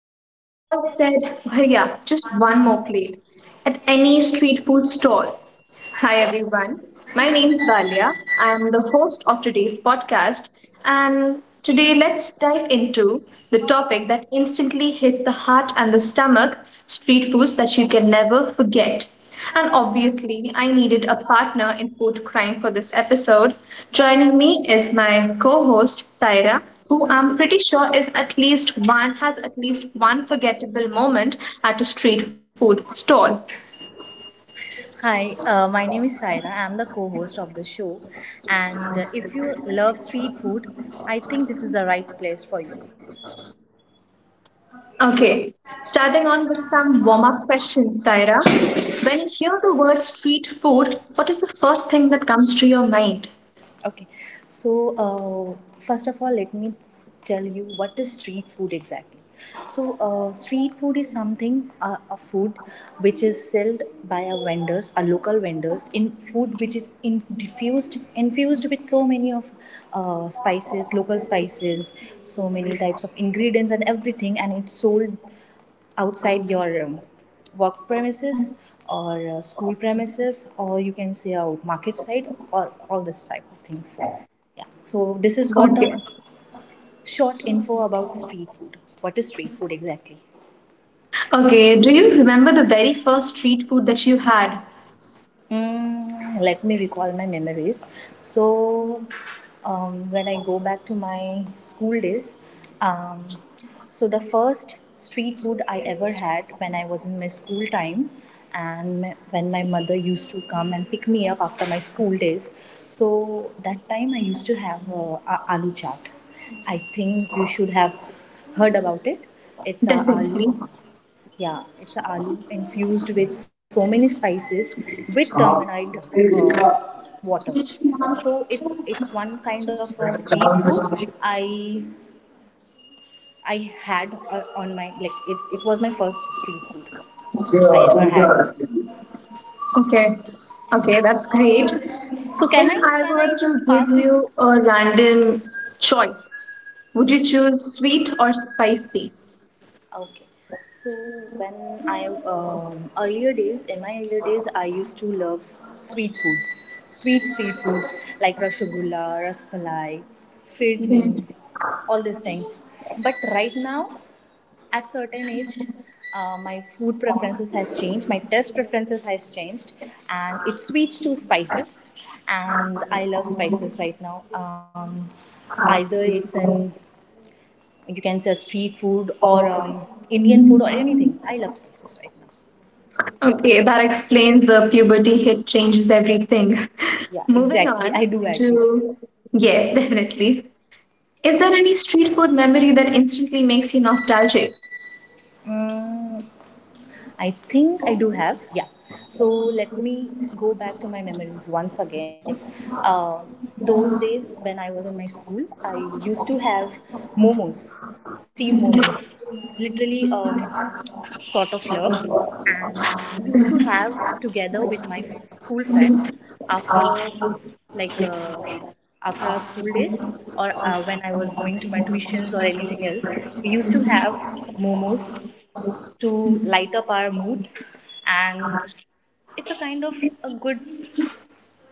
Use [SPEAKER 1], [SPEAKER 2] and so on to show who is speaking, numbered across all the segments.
[SPEAKER 1] We've all said, Bhaiya, just one more plate at any street food stall. Hi everyone, my name's Valia. I'm the host of today's podcast, and today let's dive into the topic that instantly hits the heart and the stomach street foods that you can never forget. And obviously, I needed a partner in food crime for this episode. Joining me is my co host, Saira, who I'm pretty sure is at least one, has at least one forgettable moment at a street food stall.
[SPEAKER 2] Hi, my name is Saira. I'm the co host of the show. And if you love street food, I think this is the right place for you.
[SPEAKER 1] Okay, starting on with some warm up questions, Saira. When you hear the word street food, what is the first thing that comes to your mind?
[SPEAKER 2] Okay, so first of all, tell you what is street food exactly. So, street food is something, a food which is sold by our vendors, our local vendors, in food which is infused with so many of spices, local spices, so many types of ingredients and everything, and it's sold outside your work premises or school premises, or you can say a market site or all this type of things. Yeah, so this is what a
[SPEAKER 1] Okay.
[SPEAKER 2] short info about street food, what is street food exactly.
[SPEAKER 1] Okay, do you remember the very first street food that you had?
[SPEAKER 2] Mm, let me recall my memories. So, when I go back to my school days, um, so the first street food I ever had when I was in my school time, and when my mother used to come and pick me up after my school days, so that time I used to have a aloo chaat. I think you should have heard about it. It's a
[SPEAKER 1] Definitely.
[SPEAKER 2] aloo, yeah, it's a aloo infused with so many spices,
[SPEAKER 1] Okay.
[SPEAKER 2] with tamarind uh, water. So it's one kind of a street food I had on my, like, it's, it was my first street food I ever had.
[SPEAKER 1] Okay, that's great.
[SPEAKER 2] So can I
[SPEAKER 1] If I
[SPEAKER 2] can I
[SPEAKER 1] were
[SPEAKER 2] just
[SPEAKER 1] to give
[SPEAKER 2] pass this.
[SPEAKER 1] you a random choice, would you choose sweet or spicy?
[SPEAKER 2] Okay. So when I earlier days, in my earlier days, I used to love sweet foods, sweet foods like rasgulla, rasmalai,
[SPEAKER 1] Okay,
[SPEAKER 2] firni, all this thing. But right now, at certain age, my food preferences has changed. My taste preferences has changed, and it switched to spices. And I love spices right now. Either it's in, you can say, street food or Indian food or anything. I love spices right now.
[SPEAKER 1] that explains the puberty hit changes everything.
[SPEAKER 2] Yeah,
[SPEAKER 1] Moving
[SPEAKER 2] exactly.
[SPEAKER 1] on
[SPEAKER 2] I do agree.
[SPEAKER 1] to yes, definitely. Is there any street food memory that instantly makes you nostalgic?
[SPEAKER 2] Mm, I think I do have. Yeah. So let me go back to my memories once again. Uh, those days when I was in my school, I used to have momos, steam momos. Literally, sort of love, and we used to have together with my school friends after, like, after our school days, or when I was going to my tuitions or anything else, we used to have momos to light up our moods. And it's a kind of a good,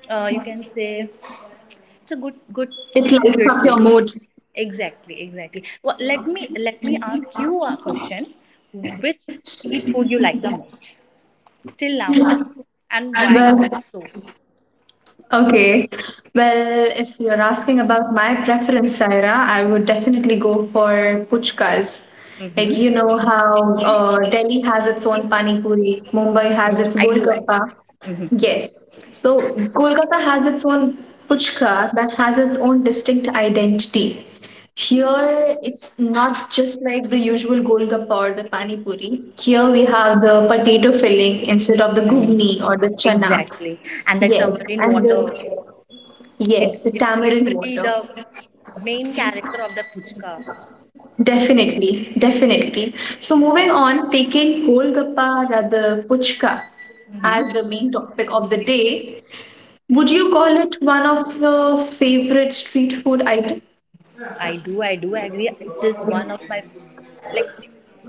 [SPEAKER 2] you can say, it's a good good
[SPEAKER 1] It
[SPEAKER 2] street
[SPEAKER 1] like a
[SPEAKER 2] food.
[SPEAKER 1] mood.
[SPEAKER 2] Exactly, exactly. Well, let me ask you a question. Which street food you like the most till now, and why,
[SPEAKER 1] Well,
[SPEAKER 2] so?
[SPEAKER 1] okay. Well, if you're asking about my preference, Saira, I would definitely go for puchkas. Like, you know how Delhi has its own pani puri, Mumbai has
[SPEAKER 2] Mm,
[SPEAKER 1] its
[SPEAKER 2] I do. It.
[SPEAKER 1] golgappa. Yes. So, Kolkata has its own puchka that has its own distinct identity. Here, it's not just like the usual golgappa or the pani puri. Here, we have the potato filling instead of the ghugni
[SPEAKER 2] Mm,
[SPEAKER 1] or the chana.
[SPEAKER 2] exactly, and the
[SPEAKER 1] Yes,
[SPEAKER 2] tamarind
[SPEAKER 1] and
[SPEAKER 2] water,
[SPEAKER 1] the yes,
[SPEAKER 2] it's
[SPEAKER 1] the
[SPEAKER 2] it's
[SPEAKER 1] tamarind
[SPEAKER 2] literally
[SPEAKER 1] water.
[SPEAKER 2] the main character of the puchka.
[SPEAKER 1] Definitely, definitely. So moving on, taking Golgappa rather puchka as the main topic of the day, would you call it one of your favorite street food item?
[SPEAKER 2] I do, agree, it is one of my, like,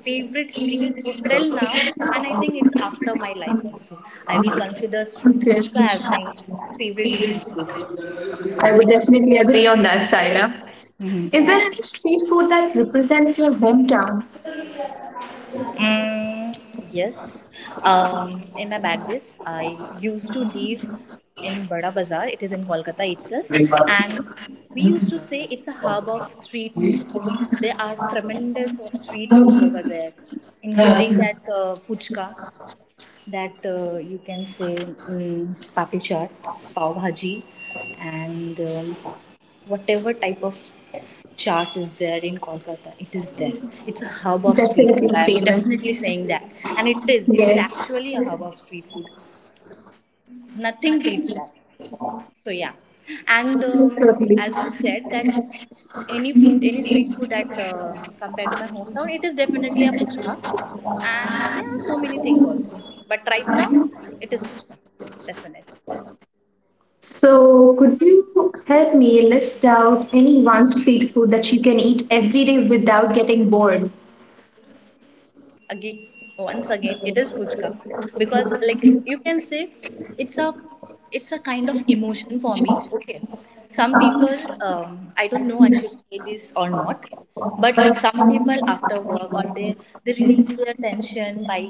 [SPEAKER 2] favorite street food till now. And I think it's after my life also, I will consider
[SPEAKER 1] Okay.
[SPEAKER 2] puchka as my favorite street food.
[SPEAKER 1] I would definitely agree on that, Saira. Is there any street food that represents your hometown?
[SPEAKER 2] Mm, yes. In my bag this, I used to live in Bada Bazaar. It is in Kolkata itself. And we used to say it's a hub of street food. There are tremendous of street foods over there, including that puchka, that you can say, mm, papri chaat, pav bhaji, and whatever type of chart is there in Kolkata, it is there. It's a hub of street food.
[SPEAKER 1] Definitely
[SPEAKER 2] I'm
[SPEAKER 1] famous.
[SPEAKER 2] definitely saying that. And it is. It is
[SPEAKER 1] Yes.
[SPEAKER 2] actually a hub of street food. Nothing beats that. So, yeah. And
[SPEAKER 1] Totally.
[SPEAKER 2] as you said, that any food, any street food that compared to my hometown, it is definitely a puchka. And there are so many things also. But right now, it is puchka. Definitely.
[SPEAKER 1] So, could you help me list out any one street food that you can eat every day without getting bored?
[SPEAKER 2] Again, once again it is puchka, because, like, you can say, it's a, it's a kind of emotion for me. Okay, some people, I don't know I should say this or not, but some people after work, or they release their tension by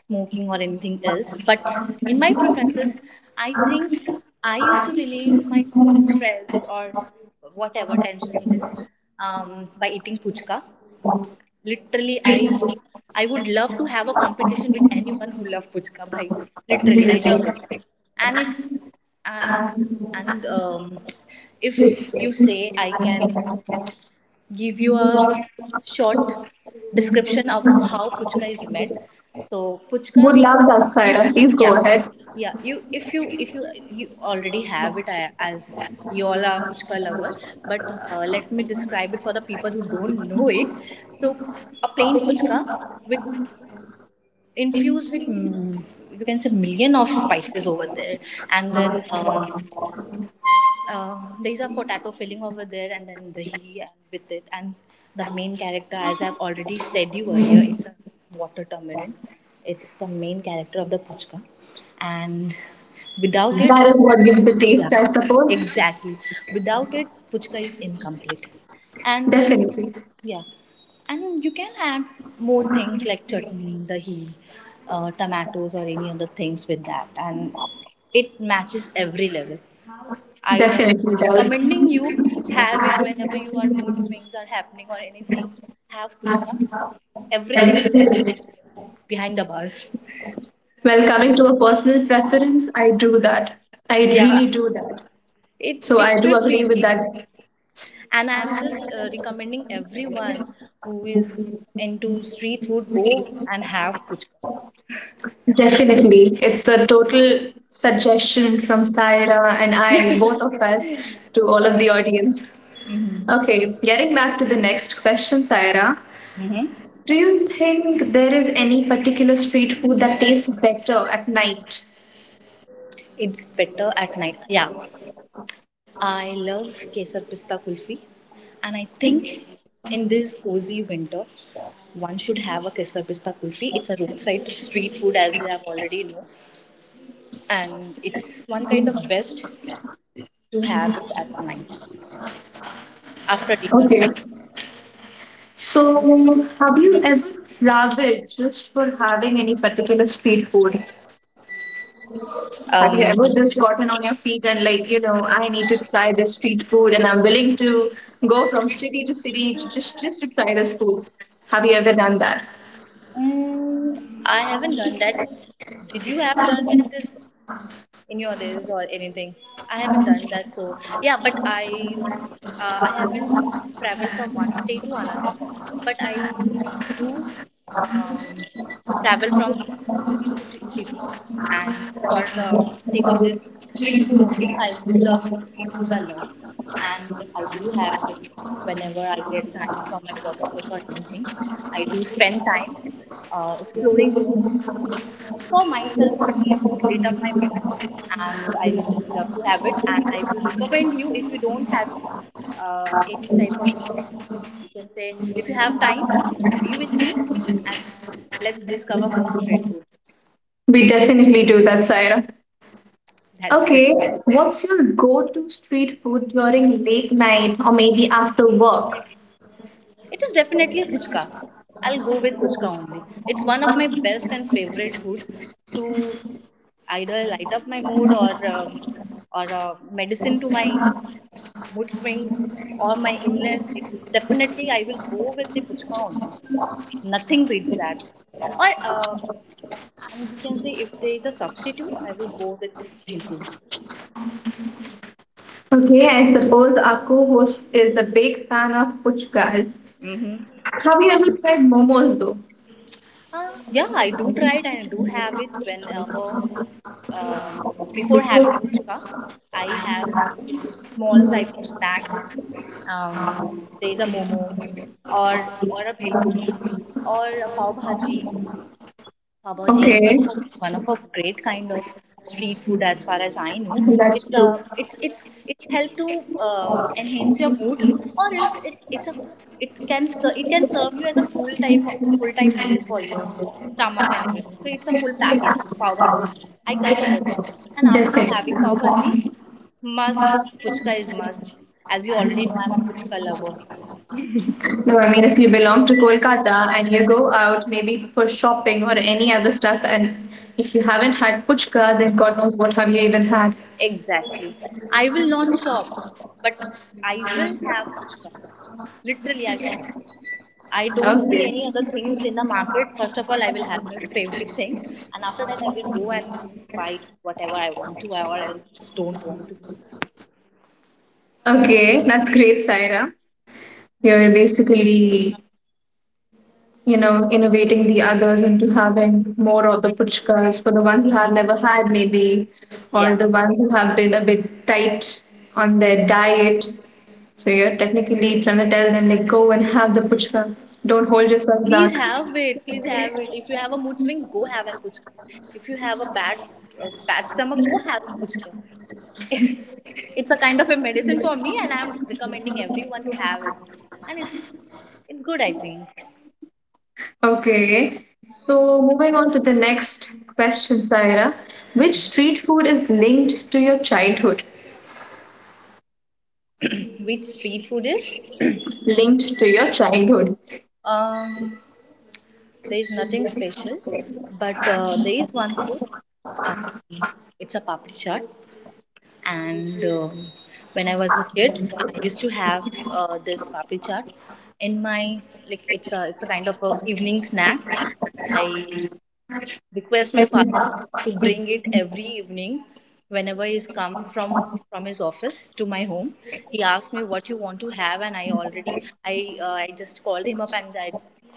[SPEAKER 2] smoking or anything else. But in my preferences, I think I used to relieve my stress or whatever tension it is, by eating puchka. Literally, I, would love to have a competition with anyone who love puchka, bhai. Literally, I love it. And it's, and and if you say, I can give you a short description of how puchka is made. So, puchka,
[SPEAKER 1] Would love that,
[SPEAKER 2] you,
[SPEAKER 1] Saira. Please go
[SPEAKER 2] yeah,
[SPEAKER 1] ahead.
[SPEAKER 2] yeah, you, if you, you already have it. I- as we all are puchka lover, but let me describe it for the people who don't know it. So a plain puchka with infused with,
[SPEAKER 1] That
[SPEAKER 2] mm, you can say, million of spices over there. And then there's a potato filling over there, and then dahi with it. And the main character, as I've already said you earlier, it's a water tamarind. It's the main character of the puchka, and without it,
[SPEAKER 1] is what gives the taste,
[SPEAKER 2] yeah,
[SPEAKER 1] I suppose.
[SPEAKER 2] exactly. Without it, puchka is incomplete. And
[SPEAKER 1] Definitely.
[SPEAKER 2] yeah, and you can add more things like chutney, dahi, tomatoes, or any other things with that, and it matches every level. I am
[SPEAKER 1] Definitely does.
[SPEAKER 2] recommending you, have it whenever you are mood swings are happening or anything. Have puchka. Everything will go behind the bars.
[SPEAKER 1] Well, coming to a personal preference, I do that. I
[SPEAKER 2] Yeah,
[SPEAKER 1] really do that.
[SPEAKER 2] it
[SPEAKER 1] So I
[SPEAKER 2] it
[SPEAKER 1] do
[SPEAKER 2] should
[SPEAKER 1] agree with
[SPEAKER 2] be.
[SPEAKER 1] that.
[SPEAKER 2] And I am just recommending everyone who is into street food, go and have puchka.
[SPEAKER 1] Definitely. It's a total suggestion from Saira and I, both of us, to all of the audience. Okay, getting back to the next question, Saira.
[SPEAKER 2] Hmm.
[SPEAKER 1] Do you think there is any particular street food that tastes better at night?
[SPEAKER 2] It's better at night. Yeah, I love Kesar Pista Kulfi, and I think in this cozy winter, one should have a Kesar Pista Kulfi. It's a roadside street food, as you have already know, and it's one kind of best to have it at night after dinner.
[SPEAKER 1] Okay. So, have you ever traveled just for having any particular street food? Have you
[SPEAKER 2] Um,
[SPEAKER 1] ever just gotten on your feet and like, you know, I need to try this street food and I'm willing to go from city to city to just to try this food? Have you ever done that?
[SPEAKER 2] mm, I haven't done that. Did you have done that, this, in your days or anything? I haven't done that, so yeah. But I, I haven't traveled from one state to another, but I do, um, travel from city to city, and for the sake of this street food only. I do love street foods a lot, and I do have it whenever I get time from my workspace or anything. I do spend time exploring more street foods for myself only. It just lit up my mood, and I literally love to have it. And I will recommend you, if you don't have any type of, you can say, if you have time, be with me and let's discover more street foods.
[SPEAKER 1] We definitely do that, Saira.
[SPEAKER 2] That's great.
[SPEAKER 1] Okay, what's your go-to street food during late night or maybe after work?
[SPEAKER 2] It is definitely puchka. I'll go with puchka only. It's one of my best and favorite food to either light up my mood, or medicine to my mood swings or my illness. It's definitely, I will go with the puchka only. Nothing beats that. Or and you can say, if there is a substitute, I will go with bhel puri.
[SPEAKER 1] Okay, I suppose our co-host is a big fan of puchkas.
[SPEAKER 2] Mm-hmm.
[SPEAKER 1] Have you ever tried momos though?
[SPEAKER 2] Yeah, I do try it, and I do have it whenever, um, before having puchka, I have this small type of snacks. Um, there is a momo or or a bhel puri or a pav bhaji. Pav Bhaji is
[SPEAKER 1] Okay,
[SPEAKER 2] one of a great kind of street food as far as I know.
[SPEAKER 1] that's
[SPEAKER 2] It's a,
[SPEAKER 1] true.
[SPEAKER 2] it's help to enhance your mood, or else it, it's a, it can it can serve you as a full time meal for your stomach and everything. So it's a full package pav bhaji. I consider that. And after having pav bhaji, must, puchka is must.
[SPEAKER 1] Definitely.
[SPEAKER 2] As you already know, I'm a puchka lover.
[SPEAKER 1] No, I mean, if you belong to Kolkata and you go out maybe for shopping or any other stuff, and if you haven't had puchka, then God knows what have you even had.
[SPEAKER 2] Exactly. I will not shop, but I will have puchka. Literally, I will have. I don't see any other
[SPEAKER 1] Okay.
[SPEAKER 2] things in the market. First of all, I will have my favorite thing, and after that, I will go and buy whatever I want to, or else don't want to.
[SPEAKER 1] Okay, that's great, Saira. You're basically, you know, innovating the others into having more of the puchkas for the ones who have never had, maybe, or
[SPEAKER 2] Yeah.
[SPEAKER 1] the ones who have been a bit tight on their diet. So you're technically trying to tell them, like, go and have the puchka. Don't hold yourself
[SPEAKER 2] Please
[SPEAKER 1] back.
[SPEAKER 2] have it. Please have it. If you have a mood swing, go have an puchka. If you have a bad, bad stomach, go have an puchka. It's a kind of a medicine for me, and I'm recommending everyone to have it. And it's good, I think.
[SPEAKER 1] Okay, so moving on to the next question, Saira. Which street food is linked to your childhood?
[SPEAKER 2] Which street food is?
[SPEAKER 1] Linked to your childhood.
[SPEAKER 2] Um, there is nothing special, but there is one food. Um, it's a papri chaat, and when I was a kid, I used to have this papri chaat in my, like, it's a, it's a kind of a evening snacks. I request my father to bring it every evening whenever he's come from his office to my home. He asked me what you want to have, and I already, I, I just called him up, and I,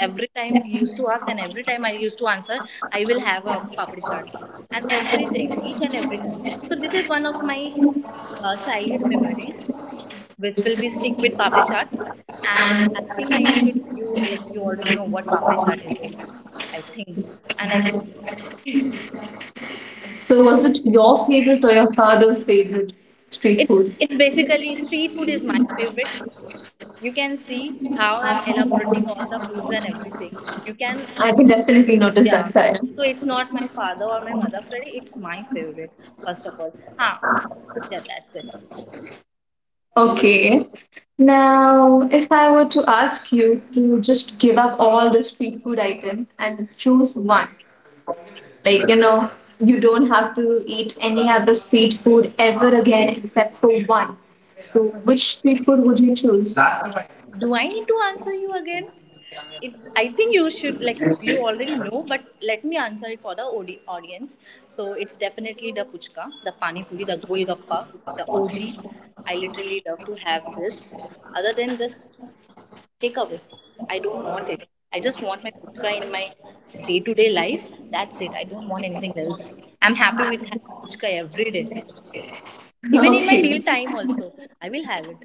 [SPEAKER 2] every time he used to ask, and every time I used to answer, I will have a papdi chaat, and everything, each and every time. So this is one of my childhood memories which will be stick with papdi chaat. And I think I, you should, you, like, you already know what papdi chaat is, right? I think. And I
[SPEAKER 1] So, was it your favorite or your father's favorite street
[SPEAKER 2] It's
[SPEAKER 1] food?
[SPEAKER 2] it's basically street food is my favorite. You can see how I'm elaborating all the foods and everything. You can,
[SPEAKER 1] I can definitely notice
[SPEAKER 2] yeah.
[SPEAKER 1] that, Saira.
[SPEAKER 2] So it's not my father or my mother favorite. It's my favorite first of all. Huh. Yeah, that's it.
[SPEAKER 1] Okay. Now, if I were to ask you to just give up all the street food items and choose one, like, you know, you don't have to eat any other street food ever again except for one. So, which street food would you choose?
[SPEAKER 2] Do I need to answer you again? It's. I think you should like you already know, but let me answer it for the audience. So it's definitely the puchka, the pani puri, the golgappa, the OG. I literally love to have this. Other than just take away. I don't want it. I just want my puchka in my day to day life. That's it. I don't want anything else. I'm happy with having puchka every day. Even in my
[SPEAKER 1] Okay,
[SPEAKER 2] meal time also, I will have it.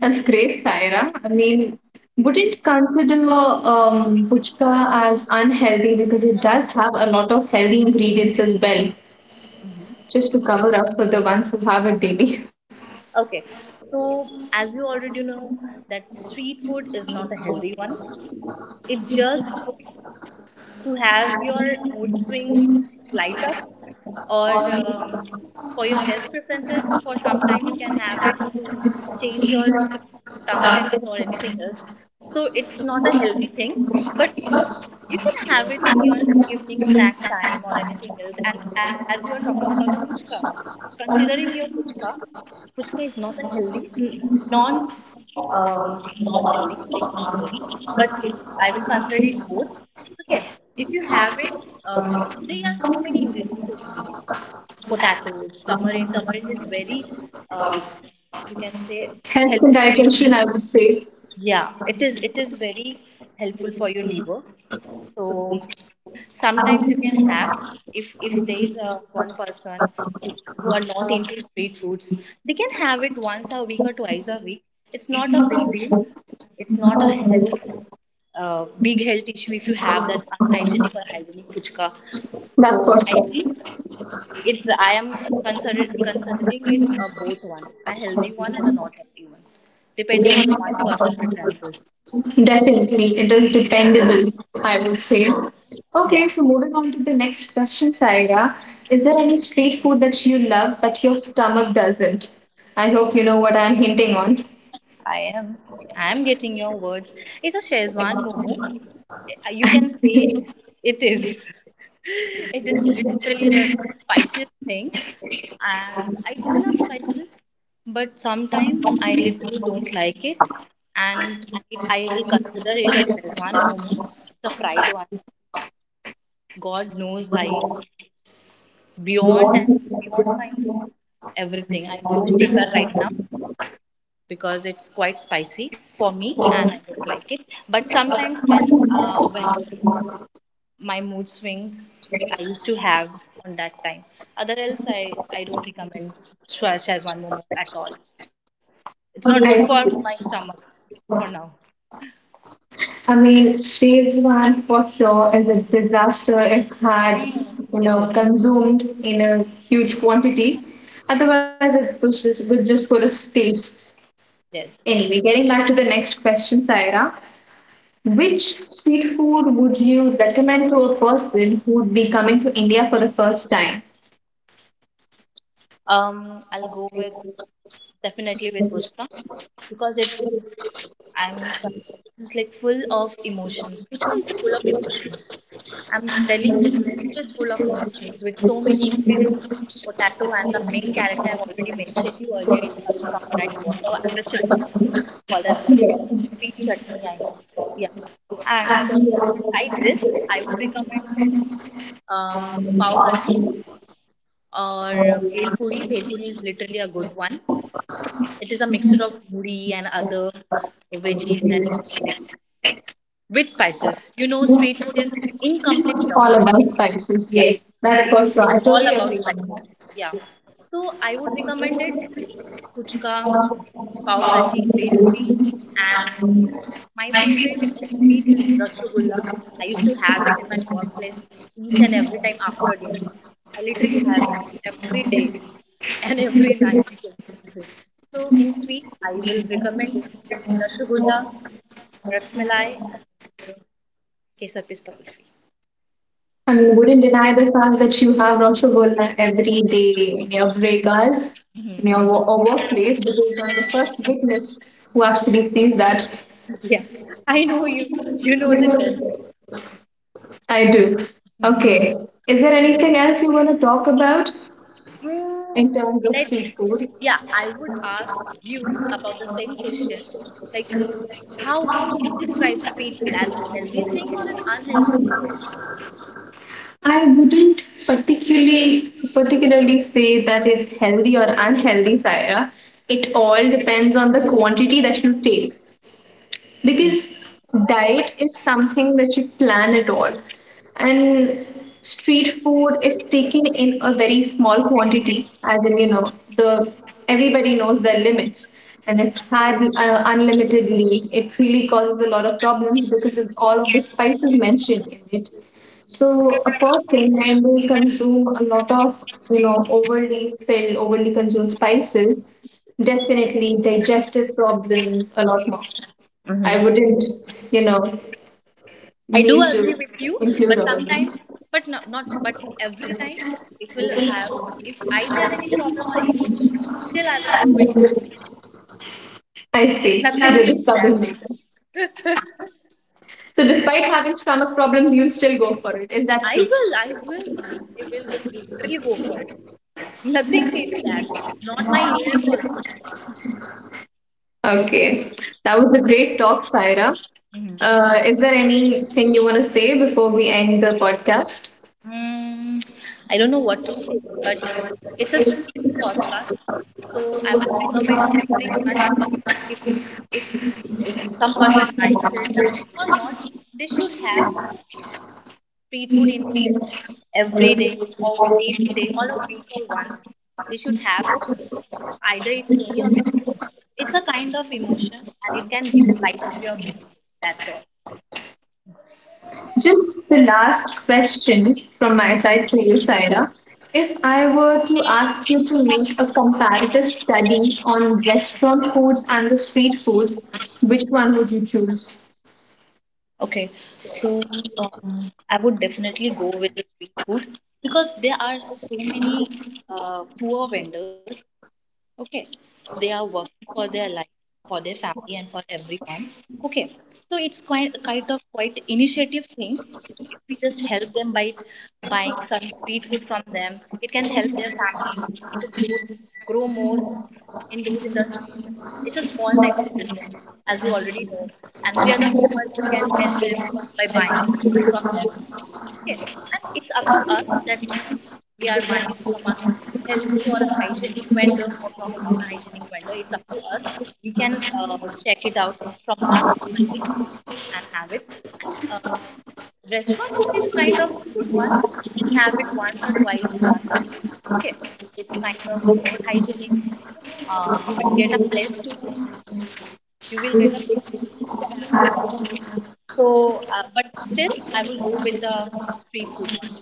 [SPEAKER 1] that's great, Saira. I mean, wouldn't consider puchka as unhealthy because it does have a lot of healthy ingredients as well, just to cover up for the ones who have it daily.
[SPEAKER 2] Okay. So as you already know, that street food is not a healthy one. It just to have your mood swings light up or um, for your test preferences for some time you can have it to change your tongue test or anything else. So it's not a healthy thing, but you can have it in your evening snacks time or anything else. And as you are talking about the puchka, considering your puchka, puchka is not a healthy non um, not healthy, like not healthy, but it's I will consider it both. Okay, if you have it, there are so many ingredients that you need. Potatoes, tamarind. Tamarind is very, uh, you can say,
[SPEAKER 1] Helps in
[SPEAKER 2] helpful for your
[SPEAKER 1] digestion,
[SPEAKER 2] liver.
[SPEAKER 1] I would say.
[SPEAKER 2] Yeah, it is. It is very helpful for your liver. So sometimes you can have, if there is a one person who, who are not into street foods, they can have it once a week or twice a week. It's not a big deal. It's not a health, big health issue if you have that unhygienic or hygienic puchka.
[SPEAKER 1] That's
[SPEAKER 2] So
[SPEAKER 1] for
[SPEAKER 2] I
[SPEAKER 1] sure.
[SPEAKER 2] think it's, I am considering it a both one, a healthy one and a not healthy one, depending on one person preferences.
[SPEAKER 1] Definitely, it is dependable, I would say. Okay,
[SPEAKER 2] Yeah,
[SPEAKER 1] so moving on to the next question, Saira. Is there any street food that you love but your stomach doesn't? I hope you know what I'm hinting on.
[SPEAKER 2] I am. I am getting your words. It's a Shezwan momo. You can say it is. It is literally the spiciest thing. And I do love spices, but sometimes I literally don't like it. And I, I will consider it a Shezwan momo, the fried one. God knows, bhai, it's beyond that, beyond my everything. I don't prefer right now because it's quite spicy for me, and I don't like it. But sometimes when my mood swings I used to have on that time. Other else, I don't recommend Shazwan Momo at all. It's not good for
[SPEAKER 1] I,
[SPEAKER 2] my stomach for now.
[SPEAKER 1] I mean, phase one for sure is a disaster if had,
[SPEAKER 2] Mm,
[SPEAKER 1] you
[SPEAKER 2] it is,
[SPEAKER 1] know, consumed in a huge quantity. Otherwise, it's good, good just for a taste.
[SPEAKER 2] yes.
[SPEAKER 1] Anyway, getting back to the next question, Saira. Which street food would you recommend to a person who would be coming to India for the first time?
[SPEAKER 2] I'll go with definitely with Pushpa because it is, I'm it's like full of emotions. Puchka is full of emotions. I'm telling you, it is full of emotions with so many ingredients. Potato and the main character I've already mentioned you earlier. It's Ravi Samarang water and the chutney called as sweet chutney. I, yeah, and beside this, I would recommend pav bhaji or bhel puri. Bhel puri is literally a good one. It is a mixture of puri and other veggies and everything with spices. You know, street food is incomplete without
[SPEAKER 1] All
[SPEAKER 2] spices.
[SPEAKER 1] about spices,
[SPEAKER 2] Yeah.
[SPEAKER 1] yes.
[SPEAKER 2] So
[SPEAKER 1] That's for sure.
[SPEAKER 2] it's
[SPEAKER 1] I
[SPEAKER 2] all
[SPEAKER 1] totally
[SPEAKER 2] about
[SPEAKER 1] agree on
[SPEAKER 2] spices.
[SPEAKER 1] that.
[SPEAKER 2] Yeah. So I would recommend it puchka, pav bhaji, bhed puri, and my favorite in sweet is rasgulla. I used to have it in my workplace each and every time after dinner. I literally have every day and every night you can say. So in sweet, I will recommend rasgulla, rasmalai, and kesar pista kulfi.
[SPEAKER 1] I mean, wouldn't deny the fact that you have Roshogolna every day in your breakers, in your
[SPEAKER 2] Mhm.
[SPEAKER 1] wo- or workplace, because I'm the first witness who actually sees that.
[SPEAKER 2] Yeah, I know you. You know the best.
[SPEAKER 1] I do. Okay. Is there anything else you want to talk about
[SPEAKER 2] Mm,
[SPEAKER 1] in terms of
[SPEAKER 2] let
[SPEAKER 1] street food?
[SPEAKER 2] yeah, I would ask you about the same question. Like, how would you describe street food as an healthy thing or an unhealthy
[SPEAKER 1] I wouldn't particularly say that it's healthy or unhealthy, Saira. It all depends on the quantity that you take, because diet is something that you plan at all, and street food, if taken in a very small quantity, as in, you know, the everybody knows their limits, and if had unlimitedly, it really causes a lot of problems because of all of the spices mentioned in it. So a person, when they consume a lot of, you know, overly filled, overly consumed spices, definitely digestive problems a lot more. I
[SPEAKER 2] thing?
[SPEAKER 1] wouldn't, you know,
[SPEAKER 2] I do
[SPEAKER 1] mean
[SPEAKER 2] agree
[SPEAKER 1] to
[SPEAKER 2] with you, but
[SPEAKER 1] include all of them.
[SPEAKER 2] sometimes, but no, not, but every time, it will have. If I have any problem or any, still I will go with you.
[SPEAKER 1] I see. You're
[SPEAKER 2] Nothing
[SPEAKER 1] the
[SPEAKER 2] beats that.
[SPEAKER 1] troublemaker. So, despite having stomach problems, you'll still go for it. Is that true?
[SPEAKER 2] I will, bhai, I will really go for it. Nothing beats that. Not my ears also.
[SPEAKER 1] Okay. That was a great talk, Saira.
[SPEAKER 2] Mhm.
[SPEAKER 1] Is there anything you want to say before we end the podcast?
[SPEAKER 2] Mm, I don't know what to say, but it's a street podcast, so I would recommend everyone, if if if some person likes it or not, they should have street food in their every day or day to day or a week or once, they should have it, either it's any of the food. It's a kind of emotion and it can light up your mood. That's all.
[SPEAKER 1] Just the last question from my side to you, Saira. If I were to ask you to make a comparative study on restaurant foods and the street foods, which one would you choose?
[SPEAKER 2] Okay, so I would definitely go with the street food because there are so many poor vendors, okay, they are working for their life, for their family and for everyone, okay, so it's quite kind of quite initiative thing. If we just help them by buying some street food from them, it can help their families to grow, grow more in those industries. It's a small type of business, as you already know, and we are the people who can help them by buying street food from them. Okay, and it's up to us that we are buying it from a healthy or a hygienic vendor or from a non-hygienic vendor. It's up to us. We can check it out from our own eyes and have it. And restaurant food is kind of a good one. You can have it once or twice a month. Okay, it's kind of more hygienic. You will get a place to you will get a place to have your food. So, but still, I will go with the street food one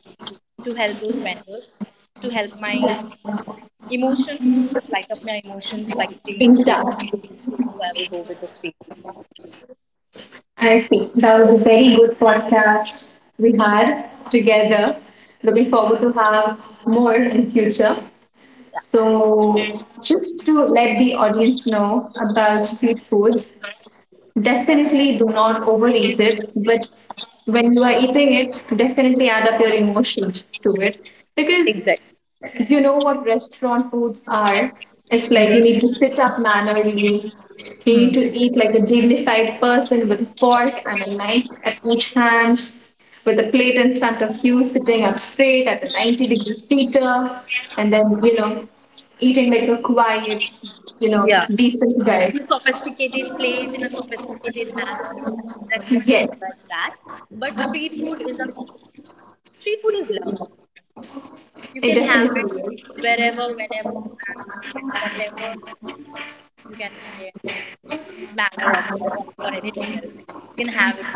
[SPEAKER 2] to help those mentors, to help my emotion, light up my emotions by eating street
[SPEAKER 1] Intact.
[SPEAKER 2] food. So I will go with the street food.
[SPEAKER 1] I see. That was a very good podcast we had together. Looking forward to have more in future.
[SPEAKER 2] Yeah,
[SPEAKER 1] So just to let the audience know about street foods, definitely do not overeat it, but when you are eating it, definitely add up your emotions to it because
[SPEAKER 2] exactly.
[SPEAKER 1] you know what restaurant foods are? It's like you need to
[SPEAKER 2] Mm-hmm.
[SPEAKER 1] sit up mannerly. You need to
[SPEAKER 2] Hmm.
[SPEAKER 1] eat like a dignified person with a fork and a knife at each hand, with a plate in front of you, sitting up straight at a 90-degree heater, and then, you know, eating like a quiet, you know,
[SPEAKER 2] Yeah.
[SPEAKER 1] decent guy.
[SPEAKER 2] In a sophisticated place, in a sophisticated manner, restaurant is
[SPEAKER 1] Yes,
[SPEAKER 2] like that. But street food is love. You
[SPEAKER 1] it
[SPEAKER 2] can have it
[SPEAKER 1] definitely is.
[SPEAKER 2] wherever, whenever, and at whatever you can say manner of or anything else. You can have it.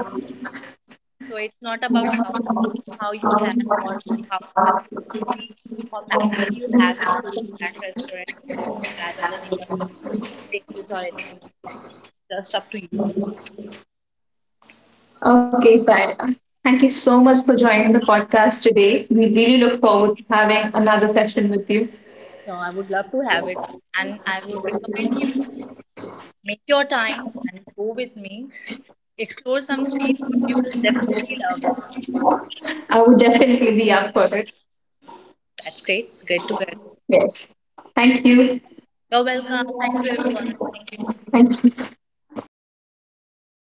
[SPEAKER 2] So it's not about how you have or how specifically or manner you have your food at restaurant rather than in your places or anything else. Just up to you.
[SPEAKER 1] Okay, Saya. Thank you so much for joining the podcast today. We really look forward to having another session with you.
[SPEAKER 2] So I would love to have it and I would recommend you make your time and go with me. Explore some street foods. You will definitely love it.
[SPEAKER 1] I would definitely be up for it.
[SPEAKER 2] That's great. Great to hear.
[SPEAKER 1] Yes. Thank you.
[SPEAKER 2] You're welcome. Thank you everyone. Thank you.
[SPEAKER 1] Thank you.